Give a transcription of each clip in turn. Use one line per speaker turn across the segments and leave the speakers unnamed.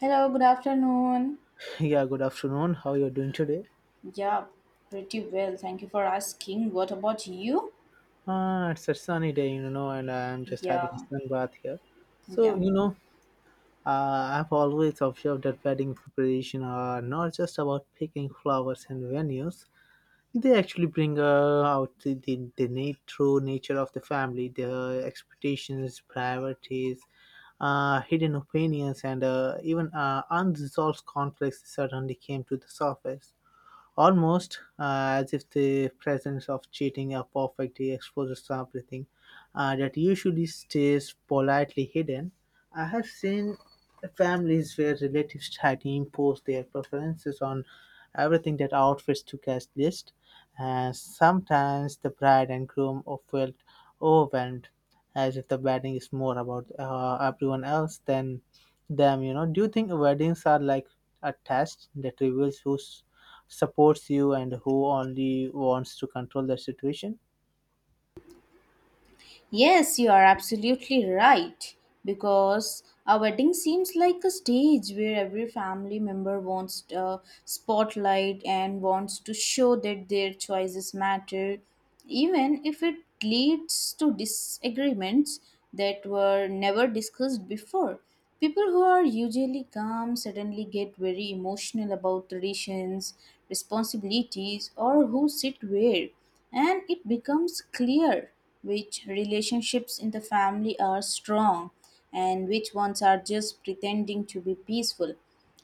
Hello, good afternoon.
Yeah, good afternoon. How you're doing today?
Yeah, pretty well. Thank you for asking. What about you?
It's a sunny day, you know, and I'm just having a
Yeah,
sun bath here. So,
yeah.
you know, I've always observed that wedding preparation are not just about picking flowers and venues. They actually bring out the true nature of the family, their expectations, priorities, hidden opinions, and even unresolved conflicts suddenly came to the surface. Almost as if the presence of cheating are perfectly exposes everything that usually stays politely hidden. I have seen families where relatives try to impose their preferences on everything that outfits to guest list, and sometimes the bride and groom are felt overwhelmed, as if the wedding is more about everyone else than them. You know, do you think weddings are like a test that reveals who's supports you and who only wants to control the situation?
Yes, you are absolutely right. Because a wedding seems like a stage where every family member wants a spotlight and wants to show that their choices matter, even if it leads to disagreements that were never discussed before. People who are usually calm suddenly get very emotional about traditions, responsibilities, or who sit where, and it becomes clear which relationships in the family are strong and which ones are just pretending to be peaceful.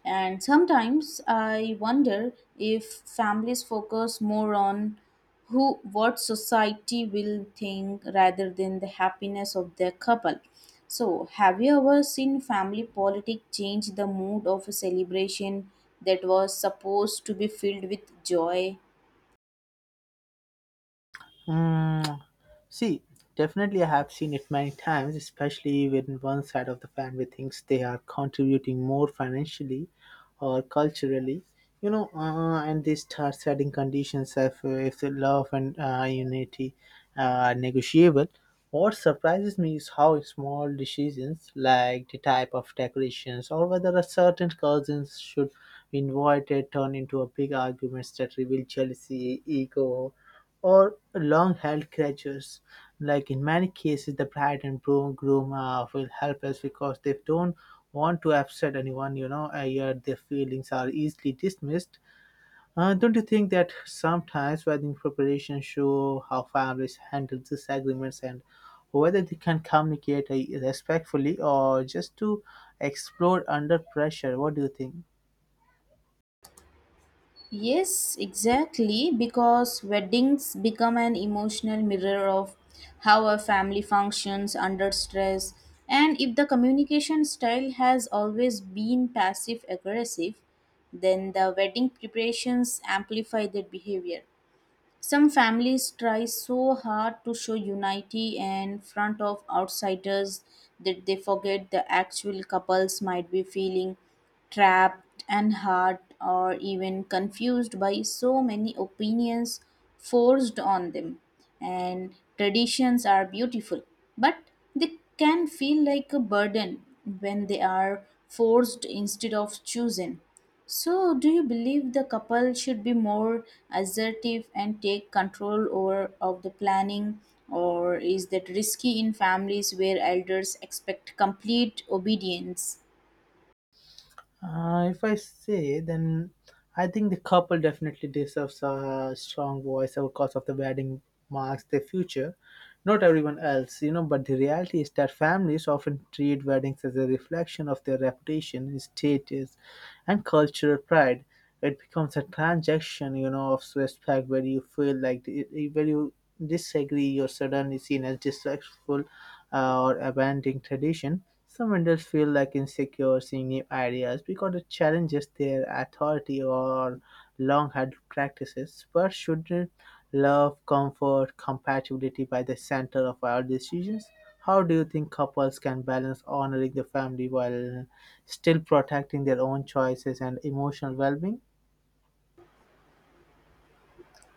And sometimes I wonder if families focus more on who what society will think rather than the happiness of their couple. So, have you ever seen family politics change the mood of a celebration that was supposed to be filled with joy?
Mm, see, Definitely I have seen it many times, especially when one side of the family thinks they are contributing more financially or culturally. You know, and they start setting conditions if the love and unity are negotiable. What surprises me is how small decisions like the type of decorations or whether a certain cousins should be invited turn into a big arguments that reveal jealousy, ego, or long held grudges. Like in many cases, the bride and groom feel helpless because they don't want to upset anyone. You know, yet their feelings are easily dismissed. Don't you think that sometimes wedding preparations show how families handle disagreements and whether they can communicate respectfully or just to explode under pressure? What do you think?
Yes, exactly, because weddings become an emotional mirror of how a family functions under stress. And if the communication style has always been passive aggressive, then the wedding preparations amplify that behavior. Some families try so hard to show unity in front of outsiders that they forget the actual couples might be feeling trapped and hurt or even confused by so many opinions forced on them. And traditions are beautiful, but they can feel like a burden when they are forced instead of chosen. So, do you believe the couple should be more assertive and take control over of the planning, or is that risky in families where elders expect complete obedience?
If I say, then I think the couple definitely deserves a strong voice out because of the wedding marks their future. Not everyone else, you know, but the reality is that families often treat weddings as a reflection of their reputation, status, and cultural pride. It becomes a transaction, you know, of respect where you feel like where you disagree, you're suddenly seen as disrespectful or abandoning tradition. Some vendors feel like insecure seeing new ideas because it challenges their authority or long held practices. But shouldn't love, comfort, compatibility by the center of our decisions? How do you think couples can balance honoring the family while still protecting their own choices and emotional well being?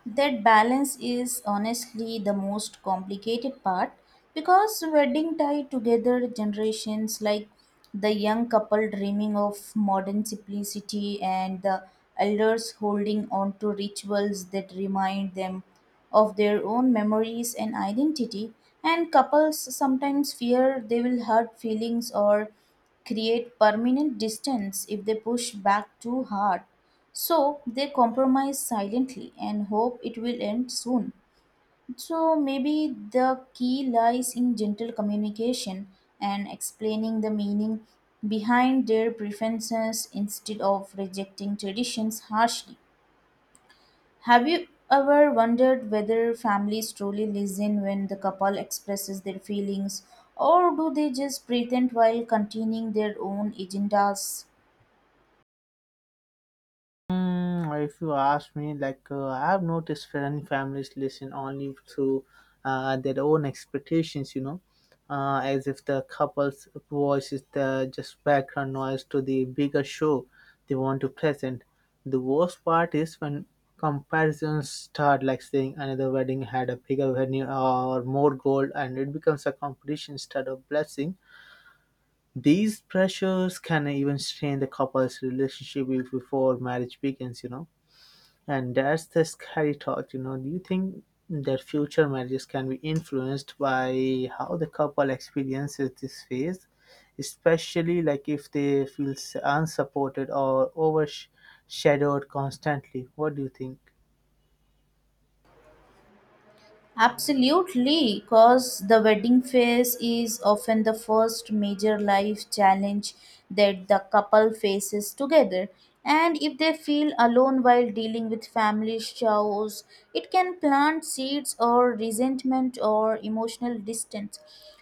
That balance is honestly the most complicated part because wedding tie together generations, like the young couple dreaming of modern simplicity and the elders holding on to rituals that remind them of their own memories and identity, and couples sometimes fear they will hurt feelings or create permanent distance if they push back too hard, so they compromise silently and hope it will end soon. So maybe the key lies in gentle communication and explaining the meaning behind their preferences instead of rejecting traditions harshly. Have you ever wondered whether families truly listen when the couple expresses their feelings, or do they just pretend while continuing their own agendas?
If you ask me, like I've noticed many families listen only to their own expectations, you know, as if the couple's voice is the just background noise to the bigger show they want to present. The worst part is when comparisons start, like saying another wedding had a bigger venue or more gold, and it becomes a competition instead of blessing. These pressures can even strain the couple's relationship before marriage begins, you know. And that's the scary thought, you know. Do you think that future marriages can be influenced by how the couple experiences this phase, especially like if they feel unsupported or overshadowed constantly? What do you think?
Absolutely, because the wedding phase is often the first major life challenge that the couple faces together. And if they feel alone while dealing with family chores, it can plant seeds or resentment or emotional distance.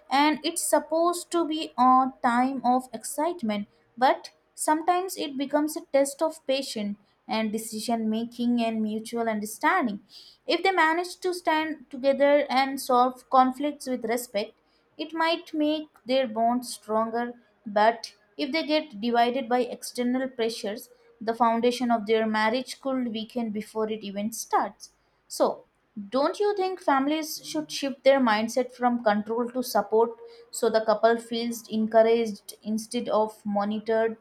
And it's supposed to be a time of excitement, but sometimes it becomes a test of patience and decision making and mutual understanding. If they manage to stand together and solve conflicts with respect, it might make their bond stronger, but if they get divided by external pressures, the foundation of their marriage could weaken before it even starts. So, don't you think families should shift their mindset from control to support so the couple feels encouraged instead of monitored?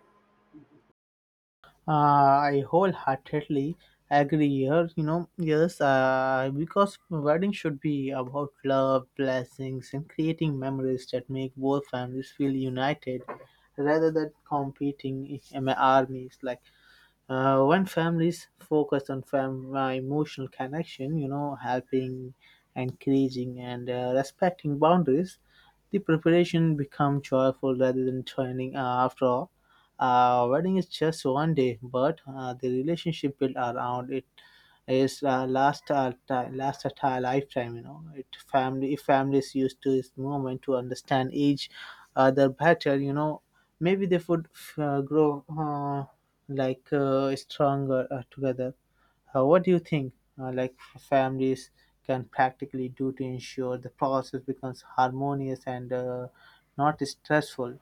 Uh, I wholeheartedly agree here. You know, yes, because wedding should be about love, blessings, and creating memories that make both families feel united, rather than competing in armies. Like when families focus on emotional connection, you know, helping, encouraging, and respecting boundaries, the preparation become joyful rather than training. After all, wedding is just one day, but the relationship built around it is last our time, last at our lifetime. You know, it family if families used to this moment to understand each other better. You know, maybe they would grow stronger together. What do you think? Like families can practically do to ensure the process becomes harmonious and not stressful.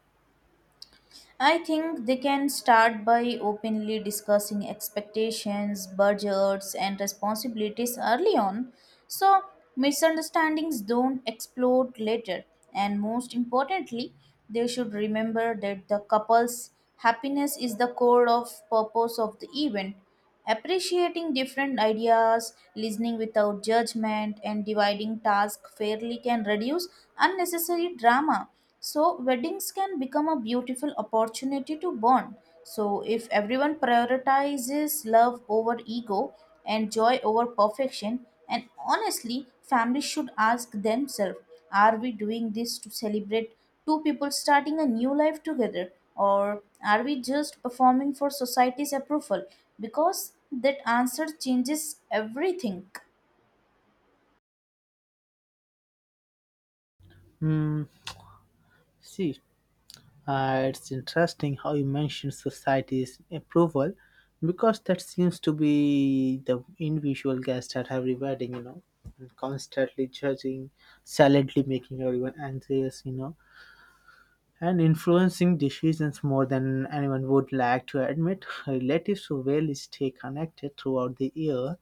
I think they can start by openly discussing expectations, budgets, and responsibilities early on so misunderstandings don't explode later. And most importantly, they should remember that the couple's happiness is the core of purpose of the event. Appreciating different ideas, listening without judgment, and dividing tasks fairly can reduce unnecessary drama. So, weddings can become a beautiful opportunity to bond. So, if everyone prioritizes love over ego and joy over perfection, and honestly, families should ask themselves, are we doing this to celebrate two people starting a new life together? Or are we just performing for society's approval? Because that answer changes everything.
Hmm. see, it's interesting how you mentioned society's approval because that seems to be the individual guest at every wedding, you know, and constantly judging, silently making everyone anxious, you know, and influencing decisions more than anyone would like to admit. Relatives who rarely stay connected throughout the year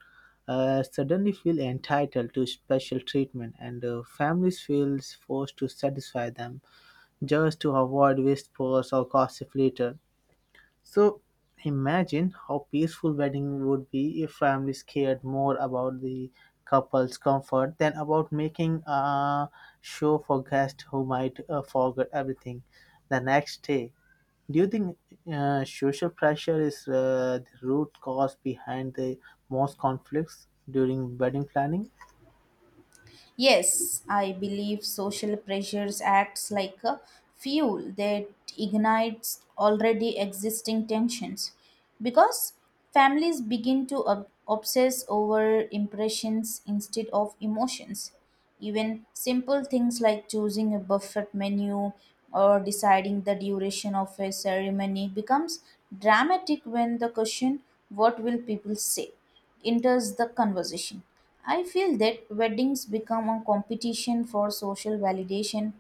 suddenly feel entitled to special treatment, and families feel forced to satisfy them just to avoid whispers or gossip later. So imagine how peaceful wedding would be if families cared more about the couple's comfort than about making a show for guests who might forget everything the next day. Do you think social pressure is the root cause behind the most conflicts during wedding planning?
Yes, I believe social pressures acts like a fuel that ignites already existing tensions because families begin to obsess over impressions instead of emotions. Even simple things like choosing a buffet menu or deciding the duration of a ceremony becomes dramatic when the question, what will people say, enters the conversation. I feel that weddings become a competition for social validation,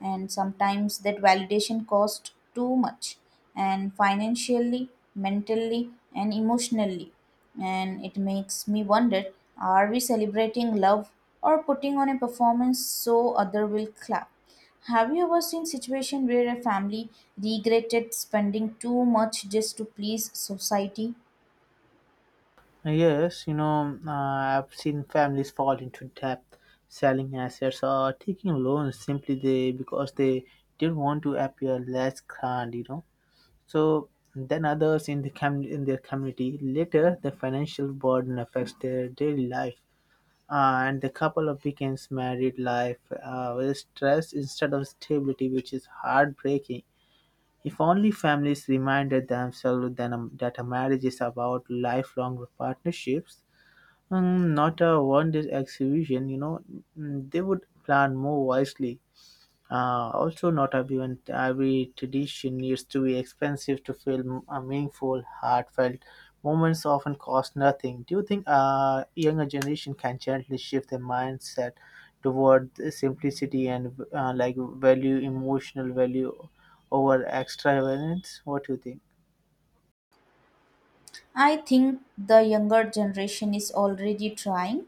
and sometimes that validation costs too much, and financially, mentally, and emotionally. And it makes me wonder, are we celebrating love or putting on a performance so other will clap? Have you ever seen situation where a family regretted spending too much just to please society?
Yes, you know, I've seen families fall into debt, selling assets or taking loans simply they because they didn't want to appear less grand, you know. So then others in the in their community later the financial burden affects their daily life, and the couple of begins married life with stress instead of stability, which is heartbreaking. If only families reminded themselves that a marriage is about lifelong partnerships, not a one-day exhibition, you know. They would plan more wisely. Also, not everyone, every tradition needs to be expensive to feel meaningful, heartfelt. Moments often cost nothing. Do you think younger generation can gently shift their mindset toward the simplicity and value, emotional value over extravagance? What do you think?
I think the younger generation is already trying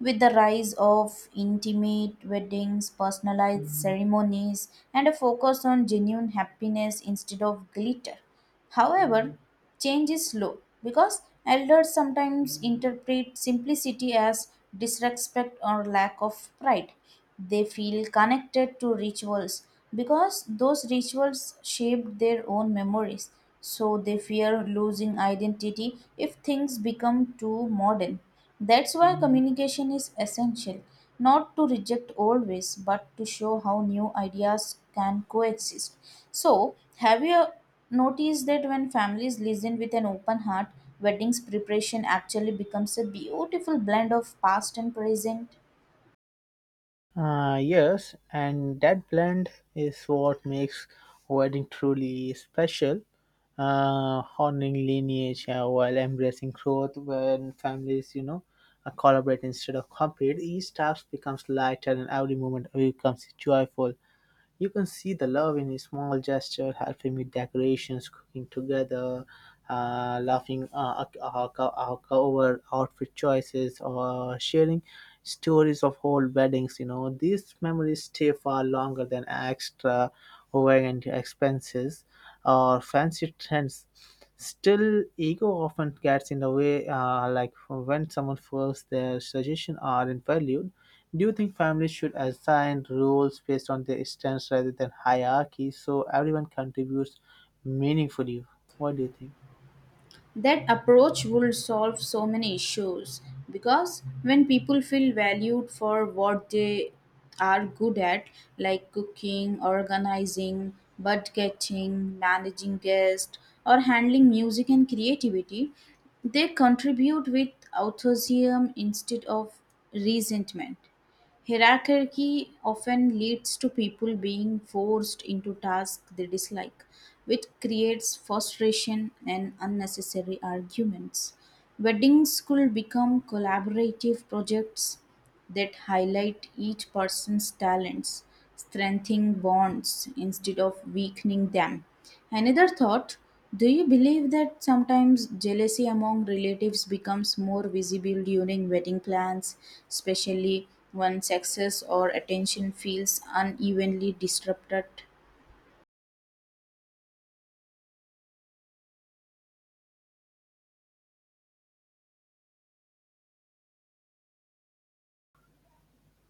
with the rise of intimate weddings, personalized ceremonies, and a focus on genuine happiness instead of glitter. However, change is slow because elders sometimes interpret simplicity as disrespect or lack of pride. They feel connected to rituals because those rituals shaped their own memories. So they fear losing identity if things become too modern. That's why communication is essential, not to reject old ways, but to show how new ideas can coexist. So, have you notice that when families listen with an open heart, weddings preparation actually becomes a beautiful blend of past and present.
Yes, and that blend is what makes wedding truly special, honoring lineage while embracing growth. When families, you know, collaborate instead of compete, each task becomes lighter and every moment becomes joyful. You can see the love in his small gesture, helping with decorations, cooking together, laughing over outfit choices, or sharing stories of old weddings. You know, these memories stay far longer than extravagant expenses or fancy trends. Still, ego often gets in the way, like when someone feels their suggestions aren't valued. Do you think families should assign roles based on their strengths rather than hierarchy so everyone contributes meaningfully? What do you think?
That approach would solve so many issues because when people feel valued for what they are good at, like cooking, organizing, budgeting, managing guests, or handling music and creativity, they contribute with enthusiasm instead of resentment. Hierarchy often leads to people being forced into tasks they dislike, which creates frustration and unnecessary arguments. Weddings could become collaborative projects that highlight each person's talents, strengthening bonds instead of weakening them. Another thought: do you believe that sometimes jealousy among relatives becomes more visible during wedding plans, especially when success or attention feels unevenly disrupted?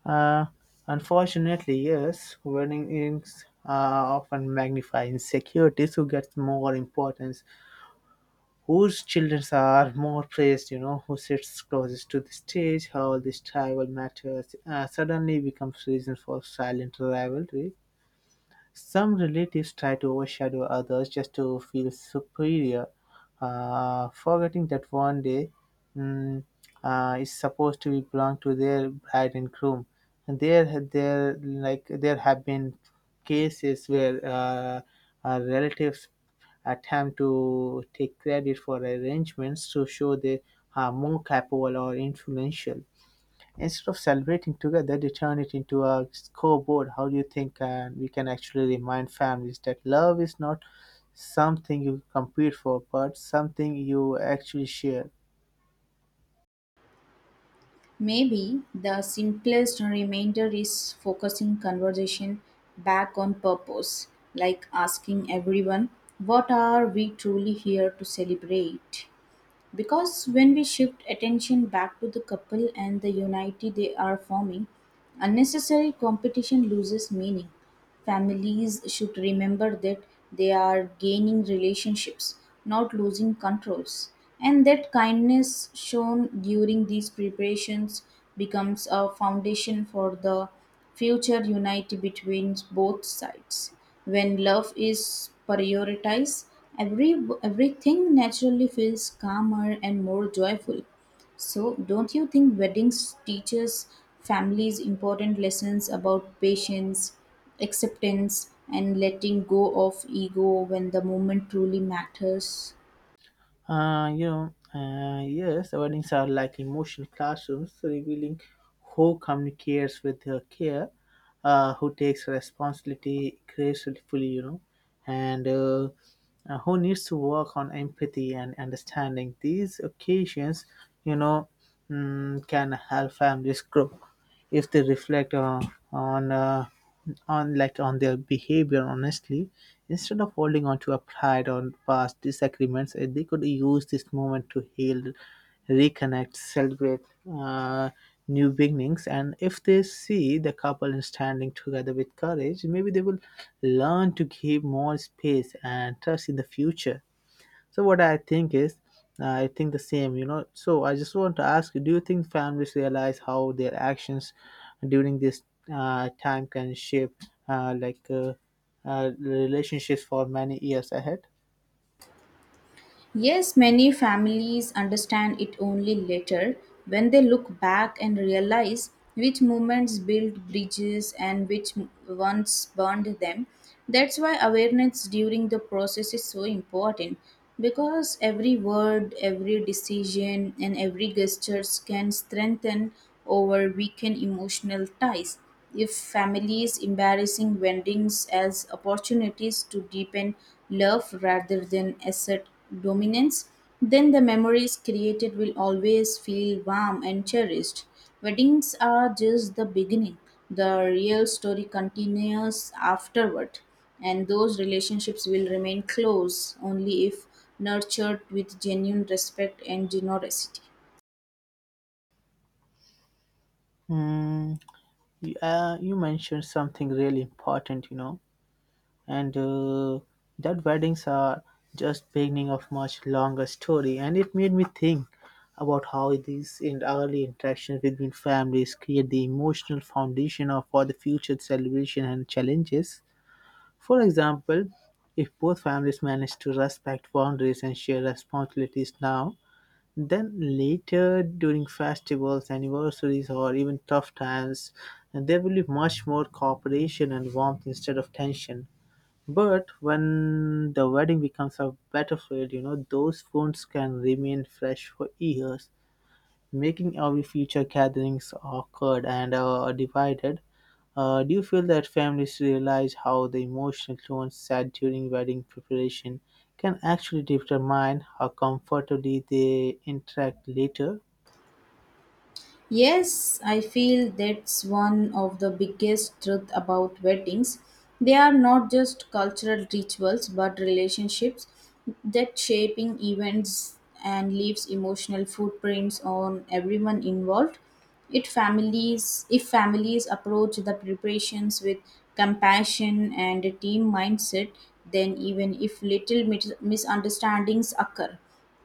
Uh, Unfortunately, yes, warnings often magnify insecurities who gets more importance, whose children are more praised, you know, who sits closest to the stage. How this tribal matters suddenly becomes reason for silent rivalry. Some relatives try to overshadow others just to feel superior, forgetting that one day mm, is supposed to be belong to their bride and groom. And there have been cases where relatives attempt to take credit for arrangements to show they are more capable or influential. Instead of celebrating together, they turn it into a scoreboard. How do you think and we can actually remind families that love is not something you compete for, but something you actually share?
Maybe the simplest remainder is focusing conversation back on purpose, like asking everyone, what are we truly here to celebrate? Because when we shift attention back to the couple and the unity they are forming, unnecessary competition loses meaning. Families should remember that they are gaining relationships, not losing controls, and that kindness shown during these preparations becomes a foundation for the future unity between both sides. When love is prioritized, every everything naturally feels calmer and more joyful. So, don't you think weddings teaches families important lessons about patience, acceptance, and letting go of ego when the moment truly matters?
Yes, weddings are like emotional classrooms, so revealing who communicates with care, who takes responsibility gracefully, you know, and who needs to work on empathy and understanding. These occasions, you know, can help families grow if they reflect on. Uh, on their behavior honestly instead of holding on to a pride or past disagreements. They could use this moment to heal, reconnect, celebrate uh, new beginnings, and if they see the couple is standing together with courage, maybe they will learn to give more space and trust in the future. So what I think is, I think the same, you know. So I just want to ask you: do you think families realize how their actions during this time can shape uh, like, uh, relationships for many years ahead?
Yes, many families understand it only later when they look back and realize which movements built bridges and which ones burned them. That's why awareness during the process is so important because every word, every decision, and every gesture can strengthen or weaken emotional ties. If families embarrassing vendings as opportunities to deepen love rather than assert dominance, then the memories created will always feel warm and cherished. Weddings are just the beginning. The real story continues afterward, and those relationships will remain close only if nurtured with genuine respect and generosity.
Mm, you mentioned something really important, you know, and that weddings are just beginning of much longer story, and it made me think about how these in early interactions between families create the emotional foundation of for the future celebration and challenges. For example, if both families manage to respect boundaries and share responsibilities now, then later during festivals, anniversaries, or even tough times, there will be much more cooperation and warmth instead of tension. But when the wedding becomes a battlefield, you know, those wounds can remain fresh for years, making every future gatherings awkward and divided. Do you feel that families realize how the emotional tones set during wedding preparation can actually determine how comfortably they interact later?
Yes, I feel that's one of the biggest truth about weddings. They are not just cultural rituals but relationships that shaping events and leaves emotional footprints on everyone involved. It families if families approach the preparations with compassion and a team mindset, then even if little misunderstandings occur,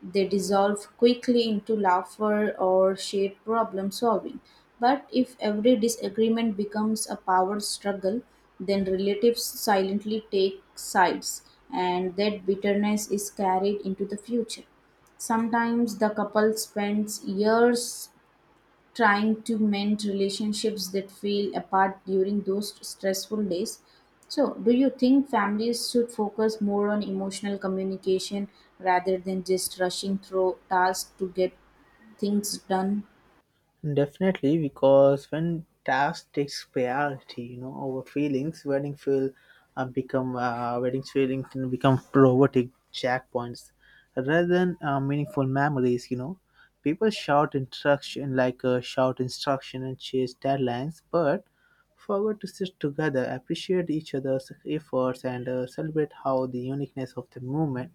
they dissolve quickly into laughter or shared problem solving. But if every disagreement becomes a power struggle, then relatives silently take sides, and that bitterness is carried into the future. Sometimes the couple spends years trying to mend relationships that feel apart during those stressful days. So, do you think families should focus more on emotional communication rather than just rushing through tasks to get things done?
Definitely, because when task takes priority, you know, over feelings, wedding feeling can become robotic checkpoints rather than meaningful memories. You know, people shout instruction and chase deadlines, but forgot to sit together, appreciate each other's efforts, and celebrate how the uniqueness of the moment.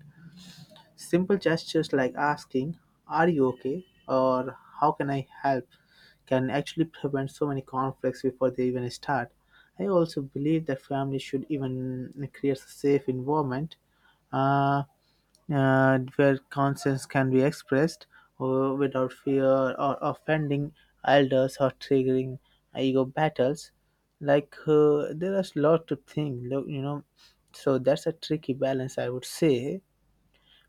Simple gestures like asking, "Are you okay?" or "How can I help?" can actually prevent so many conflicts before they even start. I also believe that families should even create a safe environment uh, where concerns can be expressed without fear or offending elders or triggering ego battles. Like, there is a lot to think, look. So that's a tricky balance, I would say,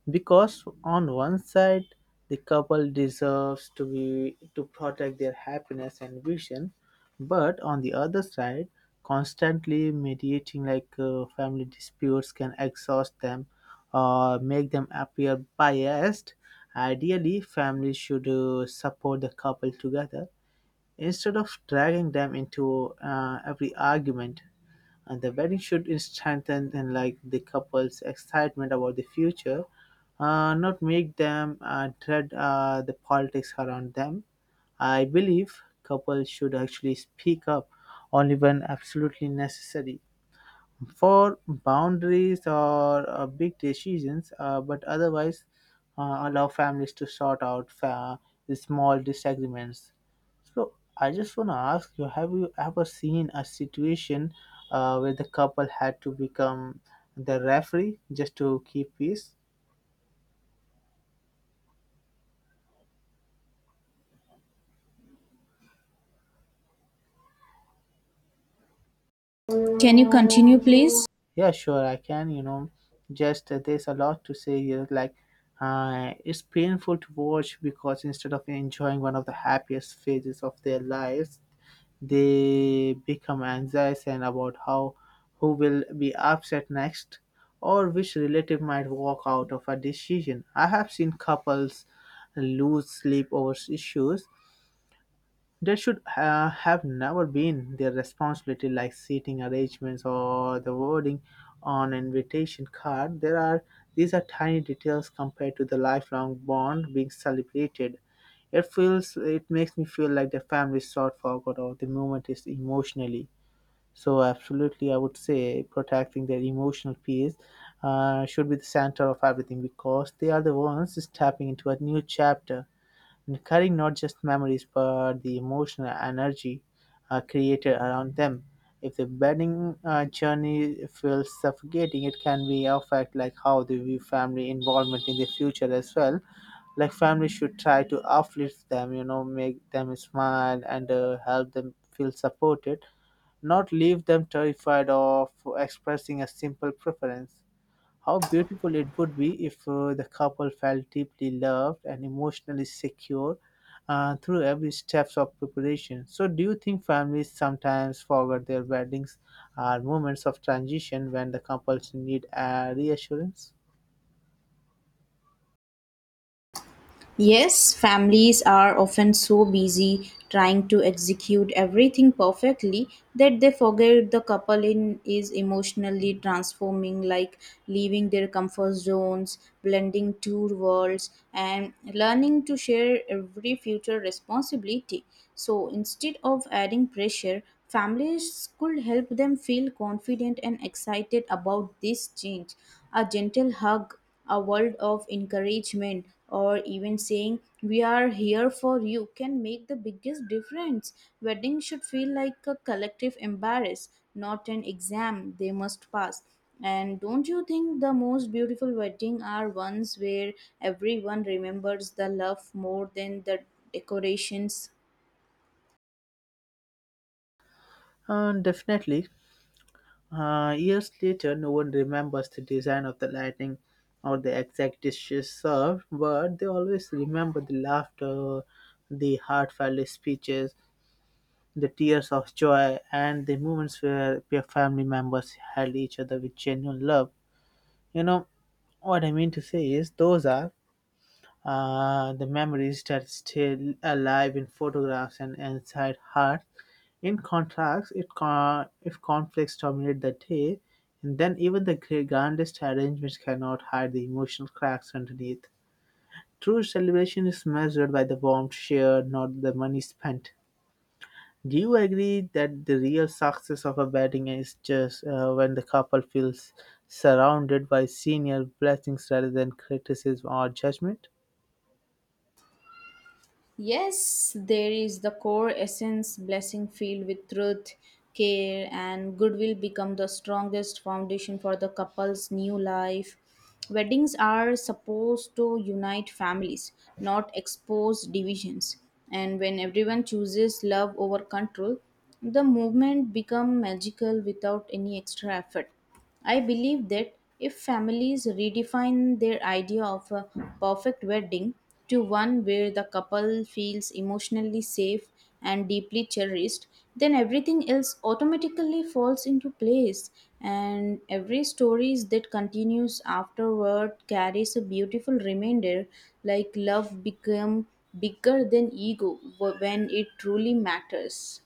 because on one side the couple deserves to protect their happiness and vision, but on the other side constantly mediating like family disputes can exhaust them or make them appear biased. Ideally, families should support the couple together instead of dragging them into every argument, and the wedding should strengthen and like the couple's excitement about the future, not make them dread the politics around them. I believe couples should actually speak up only when absolutely necessary for boundaries or big decisions, but otherwise allow families to sort out the small disagreements. So I just want to ask you: have you ever seen a situation where the couple had to become the referee just to keep peace?
Can you continue, please?
Yeah, sure, I can. You know, just there's a lot to say here. Like, it's painful to watch because instead of enjoying one of the happiest phases of their lives, they become anxious and about how who will be upset next or which relative might walk out of a decision. I have seen couples lose sleep over issues that should have never been their responsibility, like seating arrangements or the wording on an invitation card. There are These are tiny details compared to the lifelong bond being celebrated. It feels it makes me feel like the family is sort forgot or the moment is emotionally. So absolutely, I would say protecting their emotional peace should be the center of everything because they are the ones stepping into a new chapter and carrying not just memories but the emotional energy created around them. If the bedding journey feels suffocating, it can be affect like how they view family involvement in the future as well. Like family should try to uplift them, you know, make them smile and help them feel supported, not leave them terrified of expressing a simple preference. How beautiful it would be if the couple felt deeply loved and emotionally secure through every steps of preparation. So, do you think families sometimes forget their weddings are moments of transition when the couples need a reassurance?
Yes, families are often so busy trying to execute everything perfectly that they forget the couple in is emotionally transforming, like leaving their comfort zones, blending two worlds and learning to share every future responsibility. So instead of adding pressure, families could help them feel confident and excited about this change. A gentle hug, a world of encouragement, or even saying we are here for you can make the biggest difference. Wedding should feel like a collective embrace, not an exam they must pass. And don't you think the most beautiful wedding are ones where everyone remembers the love more than the decorations?
Definitely. Years later, no one remembers the design of the lighting or the exact dishes served, but they always remember the laughter, the heartfelt speeches, the tears of joy, and the moments where your family members held each other with genuine love. You know, what I mean to say is, those are the memories that stay alive in photographs and inside hearts. In contrast, if conflicts dominate the day, then even the grandest arrangements cannot hide the emotional cracks underneath. True celebration is measured by the warmth shared, not the money spent. Do you agree that the real success of a wedding is just when the couple feels surrounded by senior blessings rather than criticism or judgment?
Yes, there is the core essence blessing filled with truth, care, and goodwill become the strongest foundation for the couple's new life. Weddings are supposed to unite families, not expose divisions. And when everyone chooses love over control, the movement become magical without any extra effort. I believe that if families redefine their idea of a perfect wedding to one where the couple feels emotionally safe and deeply cherished, then everything else automatically falls into place. And every story that continues afterward carries a beautiful reminder, like love become bigger than ego when it truly matters.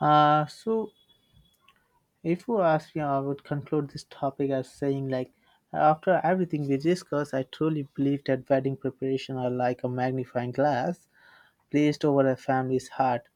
So, if you ask me, I would conclude this topic as saying, like, after everything we discussed, I truly believe that wedding preparation are like a magnifying glass placed over a family's heart,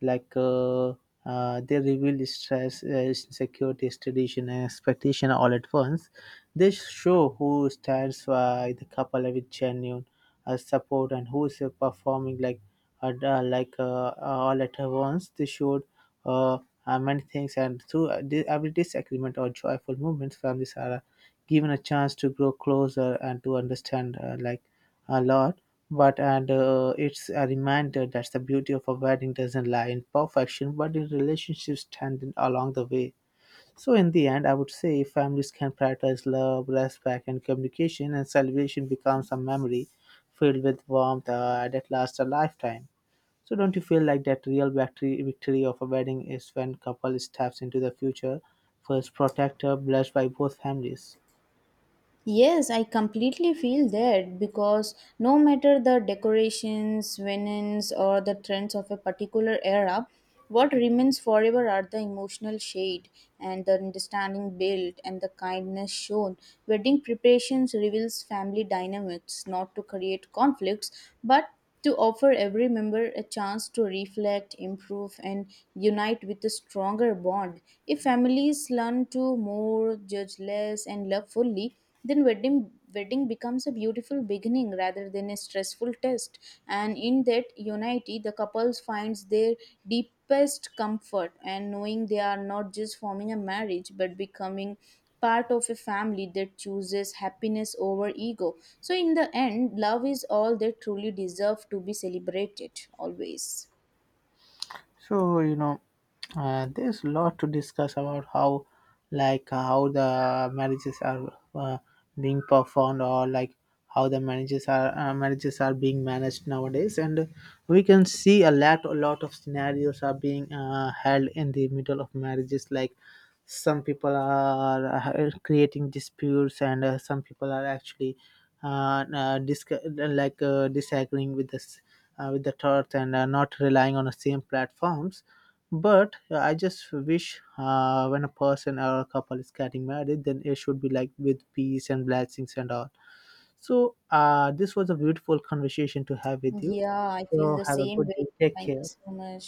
like, they reveal stress, insecurities, tradition, and expectation all at once. They show who stands by the couple with genuine support and who is performing like, all at once. They showed uh, many things, and through every disagreement or joyful moments, families are given a chance to grow closer and to understand like a lot, but and it's a reminder that the beauty of a wedding doesn't lie in perfection, but in relationships strengthened along the way. So in the end, I would say families can prioritize love, respect, and communication, and celebration becomes a memory filled with warmth that lasts a lifetime. So don't you feel like that real victory of a wedding is when couple steps into the future, first protector, blessed by both families?
Yes, I completely feel that because no matter the decorations, linens, or the trends of a particular era, what remains forever are the emotional shade and the understanding built and the kindness shown. Wedding preparations reveals family dynamics, not to create conflicts, but to offer every member a chance to reflect, improve, and unite with a stronger bond. If families learn to more, judge less, and love fully, then wedding becomes a beautiful beginning rather than a stressful test, and in that unity the couples finds their deepest comfort, and knowing they are not just forming a marriage but becoming part of a family that chooses happiness over ego. So in the end, love is all that truly deserve to be celebrated, always.
So you know, there's a lot to discuss about how, like how the marriages are being performed, or like how the marriages are being managed nowadays, and we can see a lot of scenarios are being held in the middle of marriages, like some people are creating disputes and some people are actually disagreeing with us with the earth and not relying on the same platforms, but I just wish when a person or a couple is getting married, then it should be like with peace and blessings and all. So this was a beautiful conversation to have with you.
Yeah, I feel
So
the
have a
same
good
way.
day, take
Thank you
care.
so much.